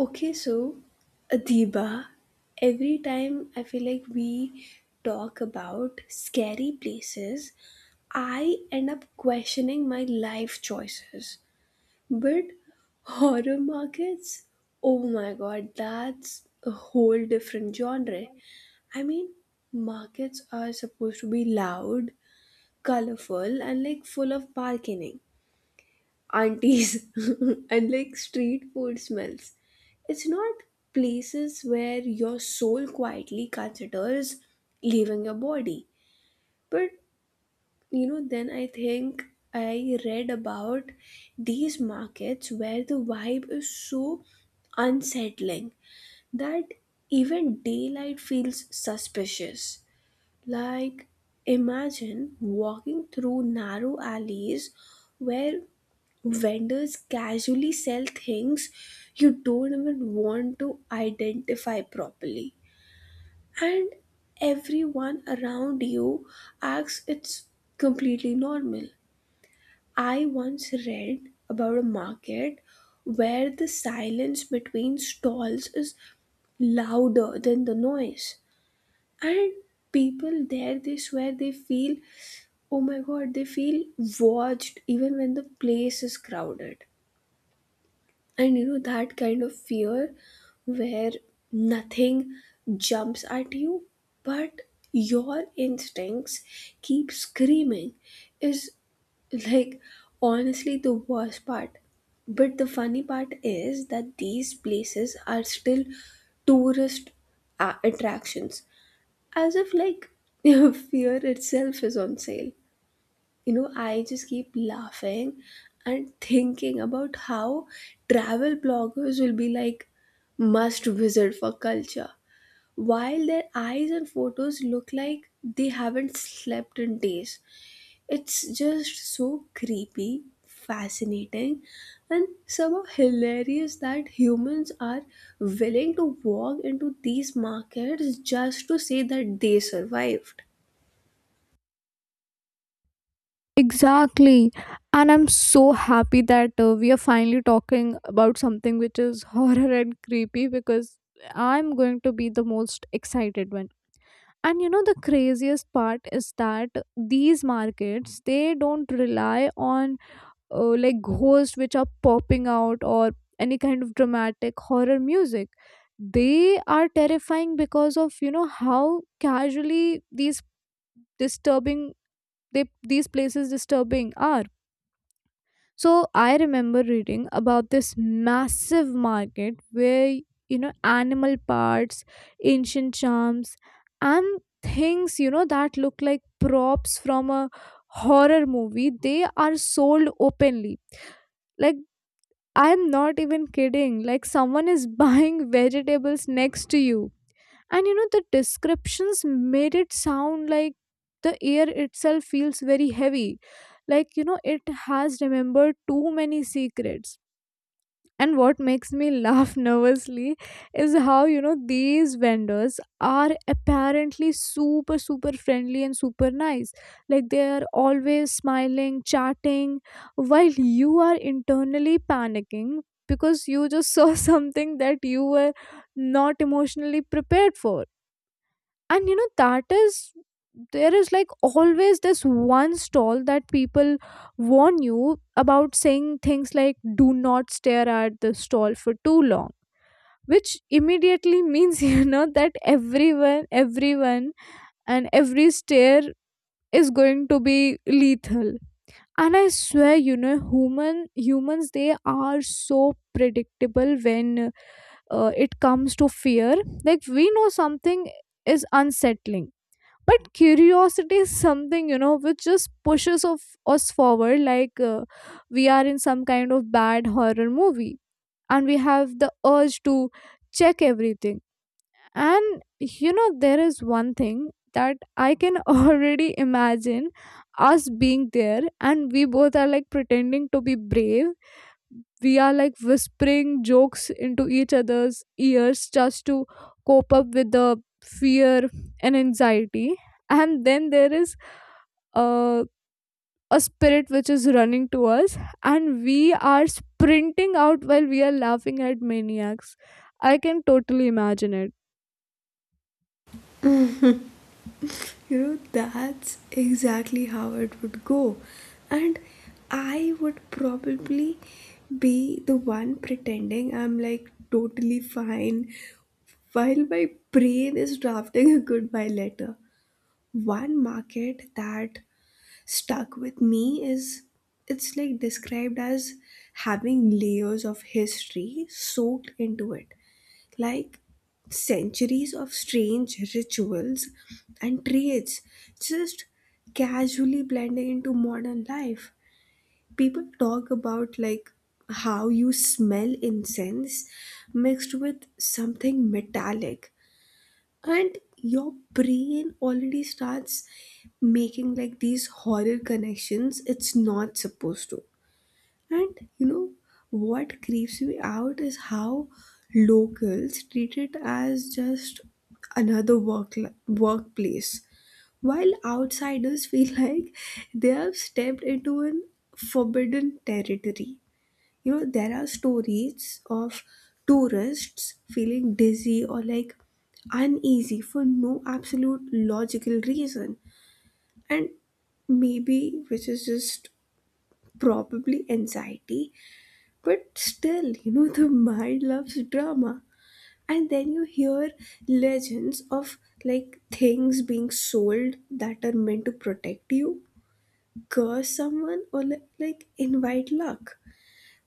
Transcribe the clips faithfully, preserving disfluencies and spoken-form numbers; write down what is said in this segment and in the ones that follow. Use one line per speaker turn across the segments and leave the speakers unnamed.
Okay, so Adiba, every time I feel like we talk about scary places, I end up questioning my life choices. But horror markets, oh my god, that's a whole different genre. I mean, markets are supposed to be loud, colorful, and like full of bargaining aunties and like street food smells. It's not places where your soul quietly considers leaving your body. But you know, then I think I read about these markets where the vibe is so unsettling that even daylight feels suspicious. Like, imagine walking through narrow alleys where vendors casually sell things you don't even want to identify properly and everyone around you acts it's completely normal. I once read about a market where the silence between stalls is louder than the noise, and people there, they swear they feel, oh my god, they feel watched even when the place is crowded. And you know that kind of fear where nothing jumps at you, but your instincts keep screaming is like honestly the worst part. But the funny part is that these places are still tourist a- attractions, as if like fear itself is on sale. You know i just keep laughing and thinking about how travel bloggers will be like must visit for culture, while their eyes and photos look like they haven't slept in days. It's just so creepy, fascinating, and somehow hilarious that humans are willing to walk into these markets just to say that they survived.
Exactly. And I'm so happy that uh, we are finally talking about something which is horror and creepy, because I'm going to be the most excited one. And you know, the craziest part is that these markets, they don't rely on uh, like ghosts which are popping out or any kind of dramatic horror music. They are terrifying because of, you know, how casually these disturbing they these places disturbing are. So I remember reading about this massive market where, you know, animal parts, ancient charms, and things, you know, that look like props from a horror movie, they are sold openly. Like, I'm not even kidding. Like, someone is buying vegetables next to you, and, you know, the descriptions made it sound like the air itself feels very heavy, like, you know, it has remembered too many secrets. And what makes me laugh nervously is how, you know, these vendors are apparently super super friendly and super nice, like they are always smiling, chatting, while you are internally panicking because you just saw something that you were not emotionally prepared for. And, you know, that is there is like always this one stall that people warn you about, saying things like, do not stare at the stall for too long, which immediately means, you know, that everyone everyone and every stare is going to be lethal. And I swear, you know, human humans, they are so predictable when uh, it comes to fear. Like, we know something is unsettling, but curiosity is something, you know, which just pushes of us forward, like uh, we are in some kind of bad horror movie, and we have the urge to check everything. And, you know, there is one thing that I can already imagine, us being there, and we both are like pretending to be brave, we are like whispering jokes into each other's ears just to cope up with the fear and anxiety. And then there is uh, a spirit which is running to us, and we are sprinting out while we are laughing at maniacs. I can totally imagine it.
You know, that's exactly how it would go. And I would probably be the one pretending I'm like totally fine while my brain is drafting a goodbye letter. One market that stuck with me is, it's like described as having layers of history soaked into it, like centuries of strange rituals and trades just casually blending into modern life. People talk about like how you smell incense mixed with something metallic and your brain already starts making like these horror connections it's not supposed to. And you know what creeps me out is how locals treat it as just another work workplace, while outsiders feel like they have stepped into an forbidden territory. You know there are stories of tourists feeling dizzy or like uneasy for no absolute logical reason, and maybe which is just probably anxiety, but still, you know, the mind loves drama. And then you hear legends of like things being sold that are meant to protect you, curse someone, or li- like invite luck.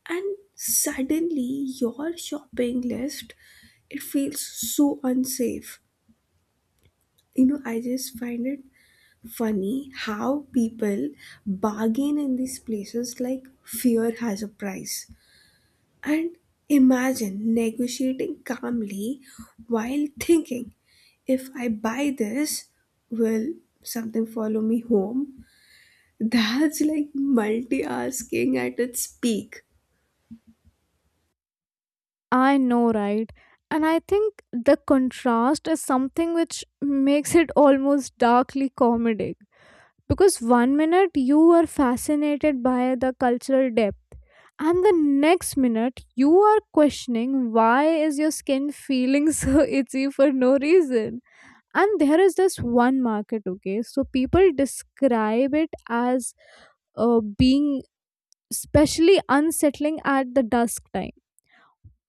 And suddenly, your shopping list, it feels so unsafe. You know, I just find it funny how people bargain in these places like fear has a price. And imagine negotiating calmly while thinking, if I buy this, will something follow me home? That's like multitasking at its peak.
I know, right? And I think the contrast is something which makes it almost darkly comedic, because one minute you are fascinated by the cultural depth, and the next minute you are questioning why is your skin feeling so itchy for no reason. And there is this one market, okay, so people describe it as uh, being especially unsettling at the dusk time,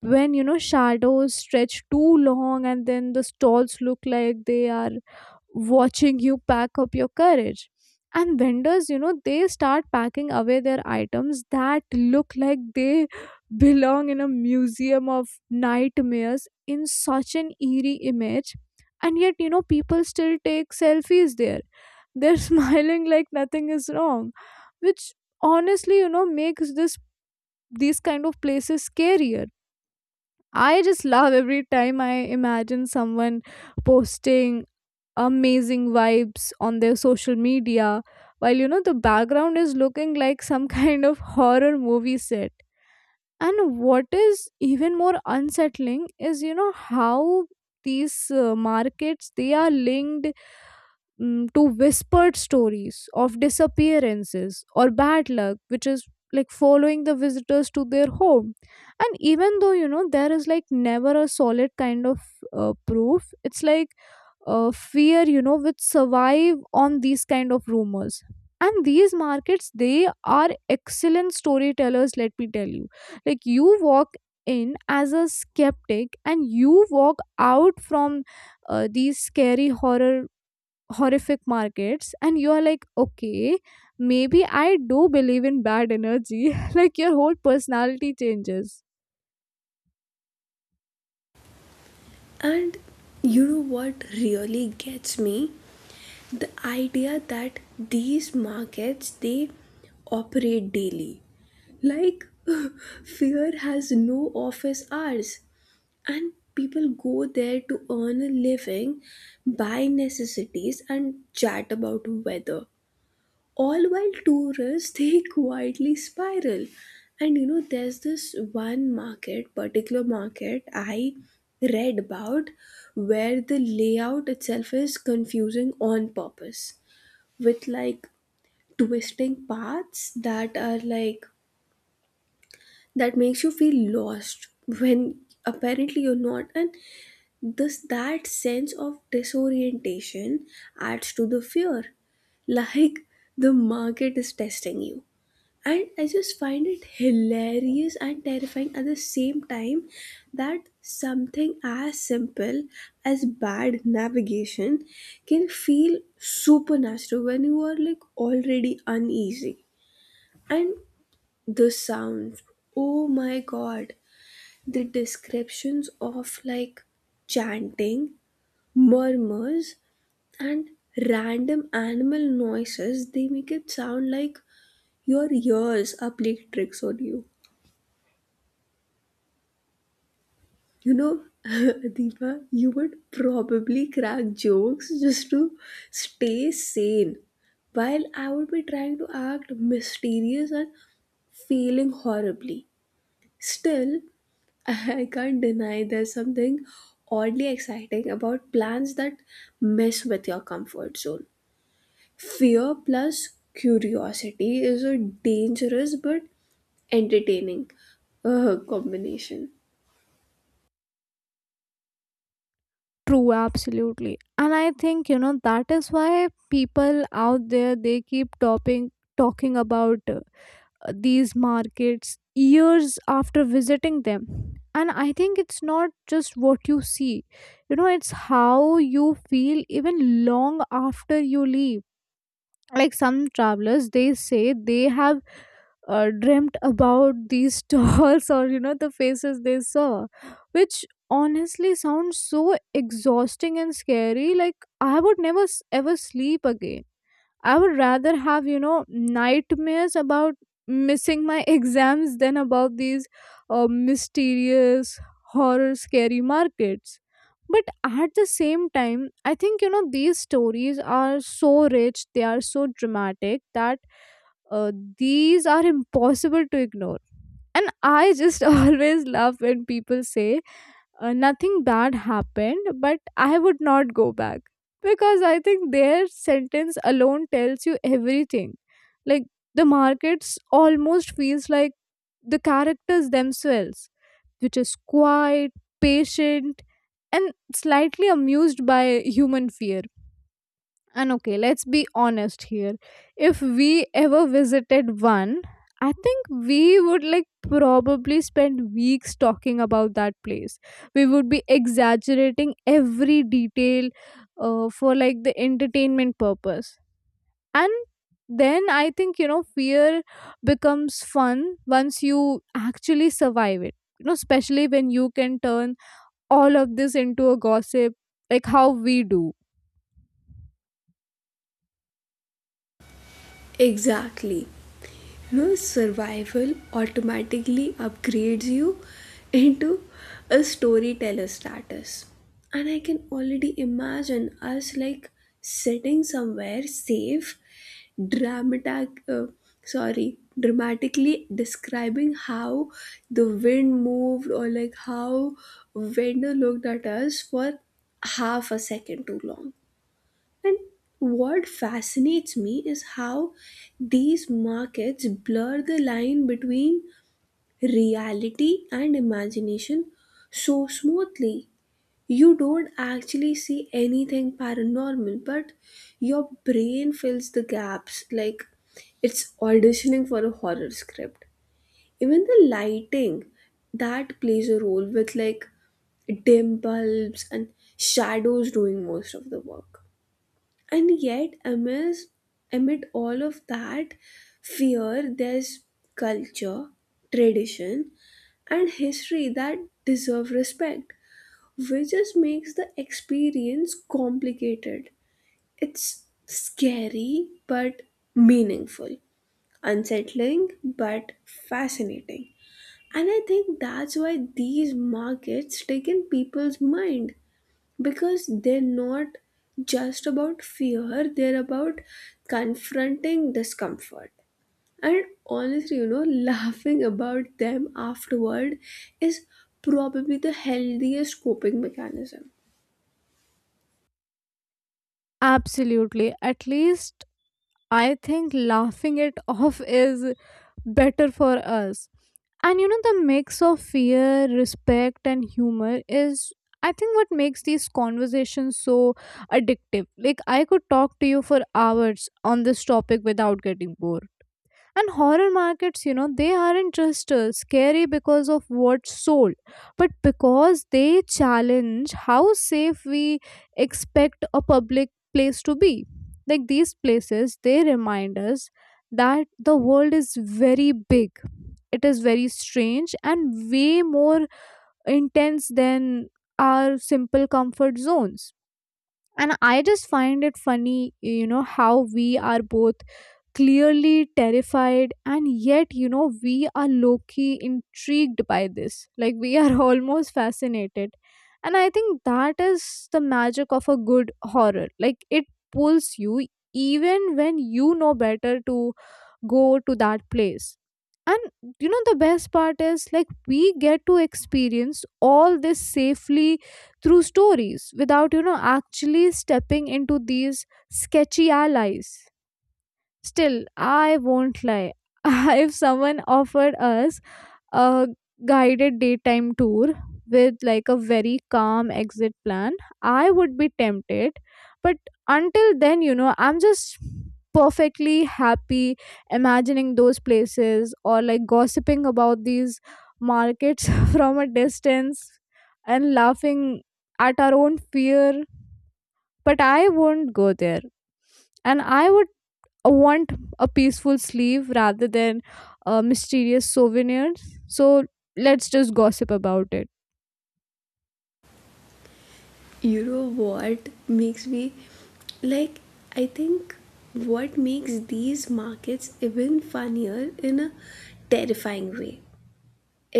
when, you know, shadows stretch too long, and then the stalls look like they are watching you pack up your courage. And vendors, you know, they start packing away their items that look like they belong in a museum of nightmares, in such an eerie image. And yet, you know, people still take selfies there. They're smiling like nothing is wrong, which honestly, you know, makes this these kind of places scarier. I just love every time I imagine someone posting amazing vibes on their social media while, you know, the background is looking like some kind of horror movie set. And what is even more unsettling is, you know, how these uh, markets, they are linked mm, to whispered stories of disappearances or bad luck, which is like following the visitors to their home. And even though, you know, there is like never a solid kind of uh, proof, it's like uh, fear, you know, which survive on these kind of rumors. And these markets, they are excellent storytellers, let me tell you. Like, you walk in as a skeptic, and you walk out from uh, these scary horror horrific markets, and you are like, okay, maybe I do believe in bad energy, like your whole personality changes.
And you know what really gets me? The idea that these markets they operate daily. Like fear has no office hours. And people go there to earn a living, buy necessities, and chat about weather, all while tourists they quietly spiral. And you know, there's this one market, particular market I read about where the layout itself is confusing on purpose, with like twisting paths that are like that makes you feel lost when apparently you're not. And thus, that sense of disorientation adds to the fear, like the market is testing you. And I just find it hilarious and terrifying at the same time that something as simple as bad navigation can feel supernatural when you are like already uneasy. And the sounds, oh my god, the descriptions of like chanting, murmurs, and random animal noises, they make it sound like your ears are playing tricks on you. You know, Deepa, you would probably crack jokes just to stay sane while I would be trying to act mysterious and failing horribly. Still, I can't deny there's something oddly exciting about plans that mess with your comfort zone. Fear plus curiosity is a dangerous but entertaining uh, combination.
True, absolutely. And I think, you know, that is why people out there, they keep topping talking about uh, these markets years after visiting them. And I think it's not just what you see. You know, it's how you feel even long after you leave. Like, some travelers, they say they have uh, dreamt about these dolls or, you know, the faces they saw, which honestly sounds so exhausting and scary. Like, I would never s- ever sleep again. I would rather have, you know, nightmares about missing my exams than about these uh, mysterious, horror, scary markets. But at the same time, I think, you know, these stories are so rich, they are so dramatic, that uh, these are impossible to ignore. And I just always love when people say, uh, nothing bad happened, but I would not go back, because I think their sentence alone tells you everything. Like, the markets almost feels like the characters themselves, which is quiet, patient, and slightly amused by human fear. And okay, let's be honest here. If we ever visited one, I think we would like probably spend weeks talking about that place. We would be exaggerating every detail uh, for like the entertainment purpose. And then I think, you know, fear becomes fun once you actually survive it. You know, especially when you can turn all of this into a gossip, like how we do.
Exactly. You know, survival automatically upgrades you into a storyteller status. And I can already imagine us like sitting somewhere safe, dramatic, uh, sorry, dramatically describing how the wind moved or like how vendor looked at us for half a second too long. And what fascinates me is how these markets blur the line between reality and imagination so smoothly. You don't actually see anything paranormal, but your brain fills the gaps like it's auditioning for a horror script. Even the lighting, that plays a role, with like dim bulbs and shadows doing most of the work. And yet amidst, amid all of that fear, there's culture, tradition, and history that deserve respect, which just makes the experience complicated. It's scary but meaningful, unsettling but fascinating. And I think that's why these markets stick in people's mind, because they're not just about fear, they're about confronting discomfort and honestly, you know, laughing about them afterward is probably the healthiest coping mechanism.
Absolutely. At least I think laughing it off is better for us. And you know, the mix of fear, respect, and humor is, I think, what makes these conversations so addictive. Like, I could talk to you for hours on this topic without getting bored. And horror markets, you know, they aren't just uh, scary because of what's sold, but because they challenge how safe we expect a public place to be. Like these places, they remind us that the world is very big, it is very strange, and way more intense than our simple comfort zones. And I just find it funny, you know, how we are both clearly terrified, and yet, you know, we are low-key intrigued by this, like we are almost fascinated. And I think that is the magic of a good horror, like it pulls you even when you know better to go to that place. And you know, the best part is, like, we get to experience all this safely through stories, without, you know, actually stepping into these sketchy allies. Still, I won't lie. If someone offered us a guided daytime tour with like a very calm exit plan, I would be tempted. But until then, you know, I'm just perfectly happy imagining those places, or like gossiping about these markets from a distance and laughing at our own fear. But I won't go there, and i would I want a peaceful sleeve rather than uh, mysterious souvenirs. So let's just gossip about it.
You know what makes me like, I think what makes these markets even funnier in a terrifying way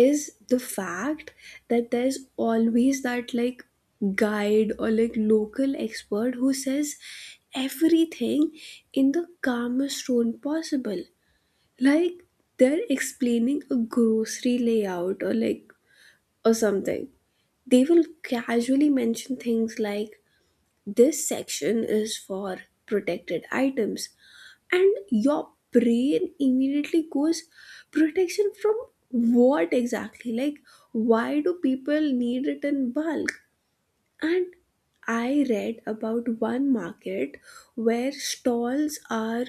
is the fact that there's always that like guide or like local expert who says everything in the calmest tone possible. Like they're explaining a grocery layout or like or something. They will casually mention things like this section is for protected items, and your brain immediately goes, protection from what exactly? Like why do people need it in bulk? And I read about one market where stalls are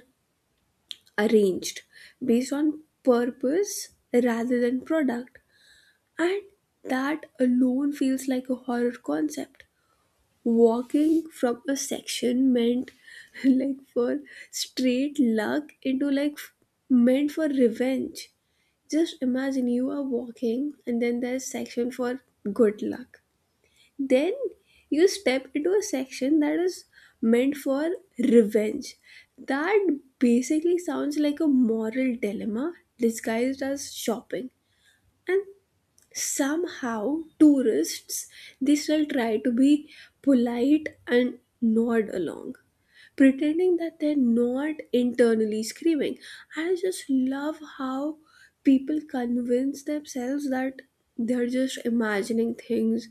arranged based on purpose rather than product, and that alone feels like a horror concept. Walking from a section meant like for straight luck into like f- meant for revenge. Just imagine you are walking and then there's section for good luck, then you step into a section that is meant for revenge. That basically sounds like a moral dilemma disguised as shopping. And somehow tourists they still try to be polite and nod along, pretending that they're not internally screaming. I just love how people convince themselves that they're just imagining things,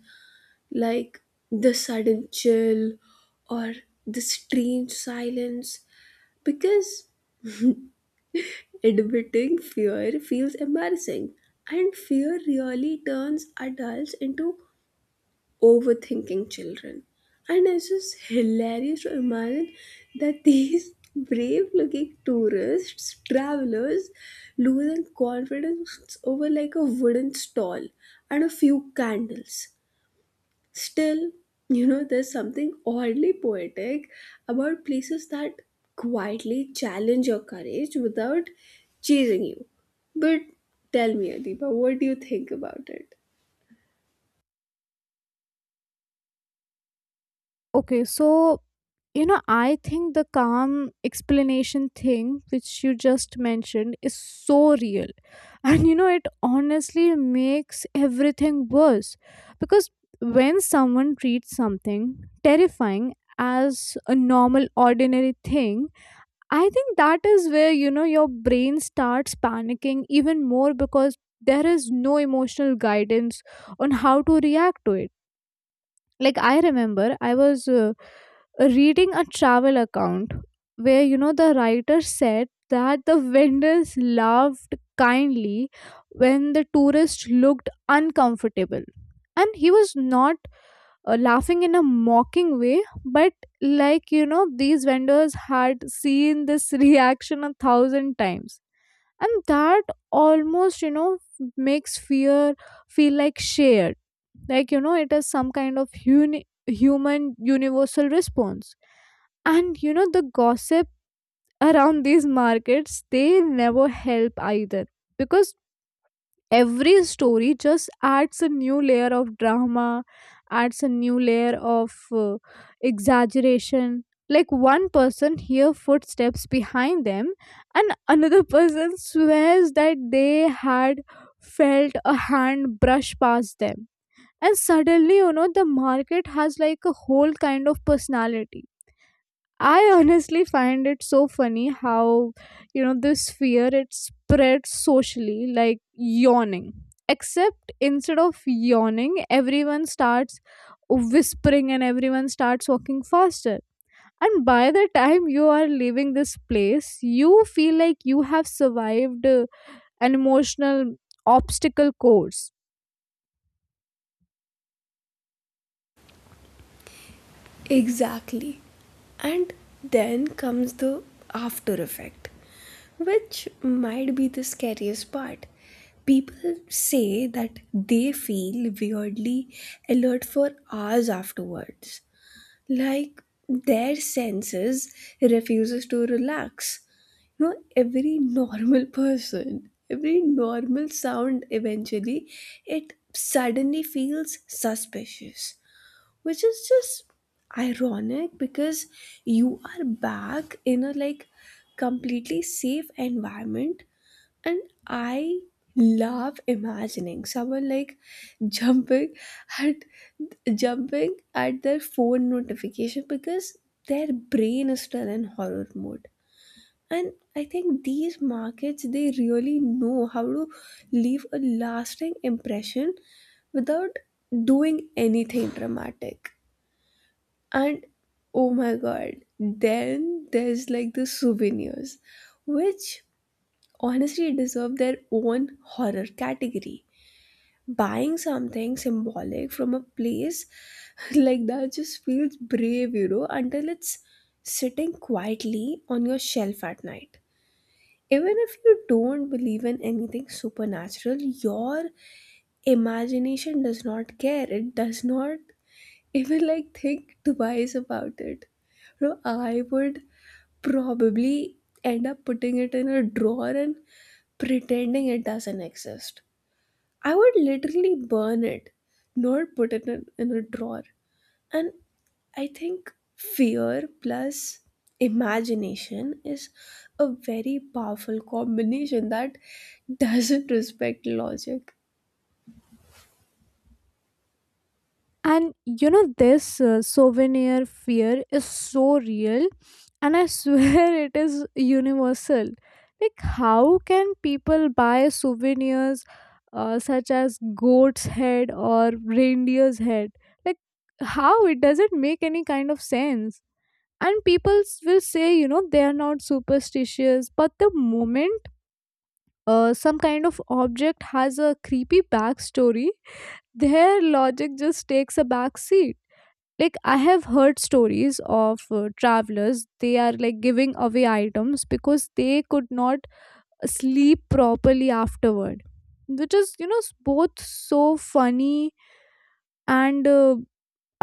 like the sudden chill or the strange silence, because admitting fear feels embarrassing. And fear really turns adults into overthinking children. And it's just hilarious to imagine that these brave looking tourists, travelers, losing confidence over like a wooden stall and a few candles. Still, you know, there's something oddly poetic about places that quietly challenge your courage without chasing you. But tell me, Adiba, what do you think about it?
Okay, so, you know, I think the calm explanation thing which you just mentioned is so real. And you know, it honestly makes everything worse, because when someone treats something terrifying as a normal, ordinary thing, I think that is where, you know, your brain starts panicking even more, because there is no emotional guidance on how to react to it. Like, I remember I was uh, reading a travel account where, you know, the writer said that the vendors laughed kindly when the tourist looked uncomfortable. And he was not uh, laughing in a mocking way, but, like, you know, these vendors had seen this reaction a thousand times, and that almost, you know, f- makes fear feel like shared. Like, you know, it is some kind of uni- human universal response. And you know, the gossip around these markets, they never help either, because every story just adds a new layer of drama, adds a new layer of uh, exaggeration. Like, one person hear footsteps behind them, and another person swears that they had felt a hand brush past them, and suddenly, you know, the market has like a whole kind of personality. I honestly find it so funny how, you know, this fear, it spreads socially like yawning. Except instead of yawning, everyone starts whispering and everyone starts walking faster. And by the time you are leaving this place, you feel like you have survived uh, an emotional obstacle course.
Exactly. And then comes the after effect, which might be the scariest part. People say that they feel weirdly alert for hours afterwards, like their senses refuses to relax. You know, every normal person, every normal sound eventually, it suddenly feels suspicious, which is just ironic because you are back in a like completely safe environment. And I love imagining someone like jumping at jumping at their phone notification because their brain is still in horror mode. And I think these markets they really know how to leave a lasting impression without doing anything dramatic. And oh my god, then there's like the souvenirs, which honestly deserve their own horror category. Buying something symbolic from a place like that just feels brave, you know, until it's sitting quietly on your shelf at night. Even if you don't believe in anything supernatural, your imagination does not care. It does not even like think twice about it. You know, I would probably end up putting it in a drawer and pretending it doesn't exist. I would literally burn it, not put it in, in a drawer. And I think fear plus imagination is a very powerful combination that doesn't respect logic.
And you know, this uh, souvenir fear is so real, and I swear it is universal. Like, how can people buy souvenirs uh, such as goat's head or reindeer's head? Like, how it doesn't make any kind of sense. And people s- will say, you know, they are not superstitious, but the moment uh, some kind of object has a creepy backstory, their logic just takes a backseat. Like, I have heard stories of uh, travelers, they are like giving away items because they could not sleep properly afterward, which is, you know, s- both so funny and uh,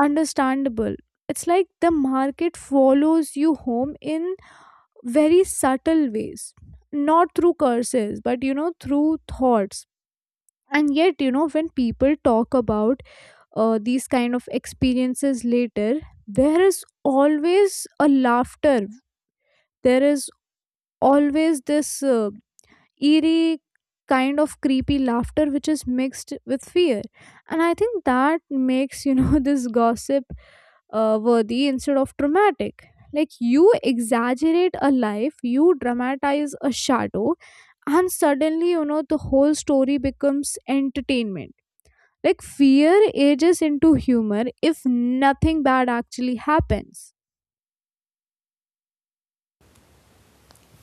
understandable. It's like the market follows you home in very subtle ways, not through curses but, you know, through thoughts. And yet, you know, when people talk about uh, these kind of experiences later, there is always a laughter, there is always this uh, eerie kind of creepy laughter which is mixed with fear. And I think that makes, you know, this gossip uh, worthy instead of traumatic. Like, you exaggerate a life, you dramatize a shadow, and suddenly, you know, the whole story becomes entertainment. Like, fear ages into humor if nothing bad actually happens.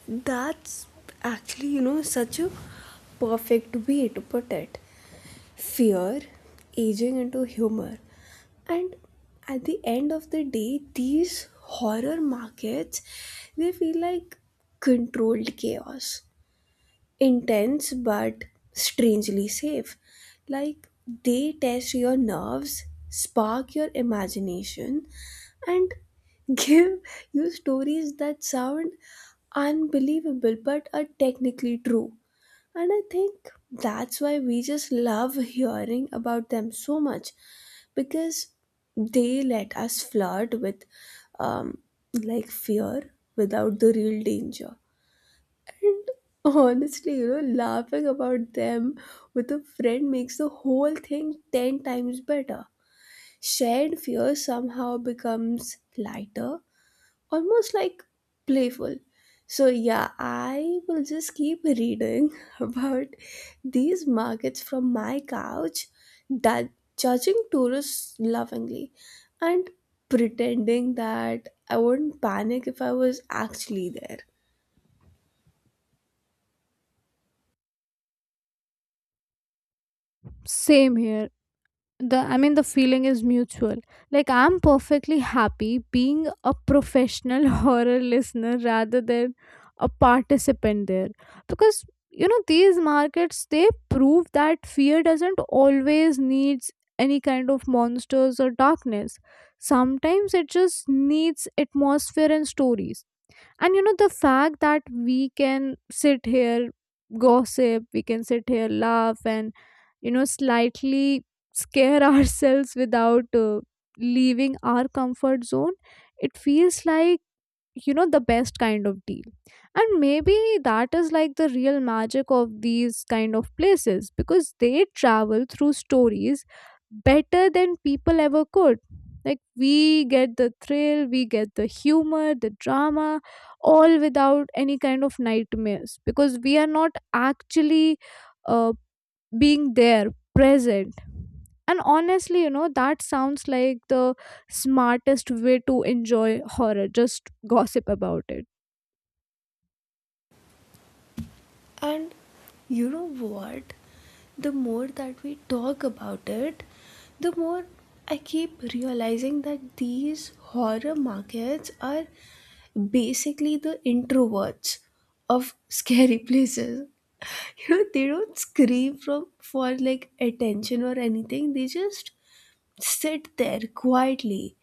That's actually, you know, such a perfect way to put it. Fear aging into humor. And at the end of the day, these horror markets they feel like controlled chaos, intense but strangely safe. Like they test your nerves, spark your imagination, and give you stories that sound unbelievable but are technically true. And I think that's why we just love hearing about them so much, because they let us flirt with um, like fear without the real danger. And honestly, you know, laughing about them with a friend makes the whole thing ten times better. Shared fear somehow becomes lighter, almost like playful. So, yeah, I will just keep reading about these markets from my couch, that judging tourists lovingly and pretending that I wouldn't panic if I was actually there.
Same here. The I mean the feeling is mutual. Like, I'm perfectly happy being a professional horror listener rather than a participant there. Because, you know, these markets, they prove that fear doesn't always needs any kind of monsters or darkness. Sometimes it just needs atmosphere and stories. And you know, the fact that we can sit here, gossip, we can sit here, laugh, and, you know, slightly scare ourselves without uh, leaving our comfort zone, it feels like, you know, the best kind of deal. And maybe that is like the real magic of these kind of places, because they travel through stories better than people ever could. Like, we get the thrill, we get the humor, the drama, all without any kind of nightmares, because we are not actually uh, being there present. And honestly, you know, that sounds like the smartest way to enjoy horror, just gossip about it.
And you know what? The more that we talk about it, the more I keep realizing that these horror markets are basically the introverts of scary places. You know, they don't scream from for like attention or anything. They just sit there quietly,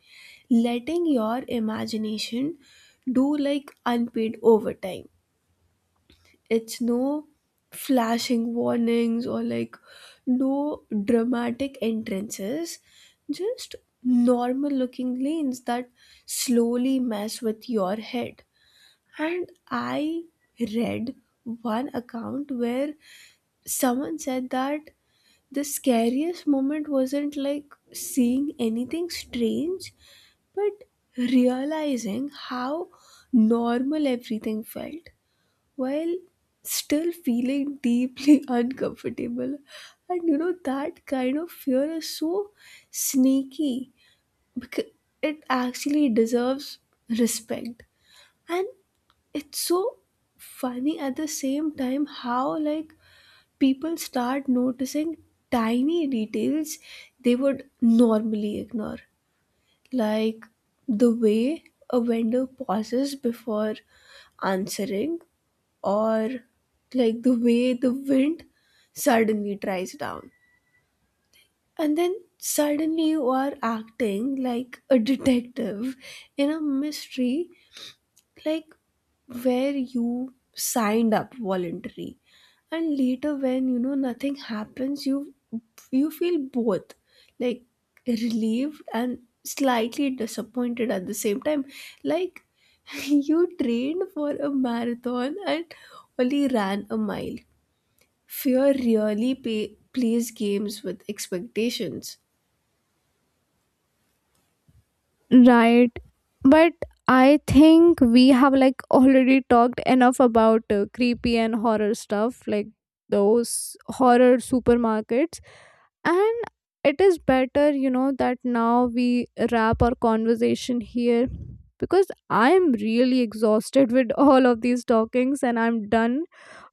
letting your imagination do like unpaid overtime. It's no flashing warnings or like no dramatic entrances, just normal looking lanes that slowly mess with your head. And I read one account where someone said that the scariest moment wasn't like seeing anything strange, but realizing how normal everything felt while still feeling deeply uncomfortable. And you know, that kind of fear is so sneaky because it actually deserves respect. And it's so funny at the same time how, like, people start noticing tiny details they would normally ignore, like the way a vendor pauses before answering or like the way the wind suddenly dries down. And then suddenly you are acting like a detective in a mystery, like where you signed up voluntary. And later when you know nothing happens, you you feel both like relieved and slightly disappointed at the same time. Like you trained for a marathon and only ran a mile. Fear really pay, plays games with expectations.
Right, but I think we have like already talked enough about uh, creepy and horror stuff, like those horror supermarkets. And it is better, you know, that now we wrap our conversation here, because I am really exhausted with all of these talkings, and I'm done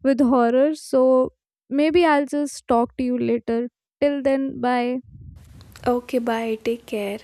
with horror. So maybe I'll just talk to you later. Till then, bye.
Okay, bye. Take care.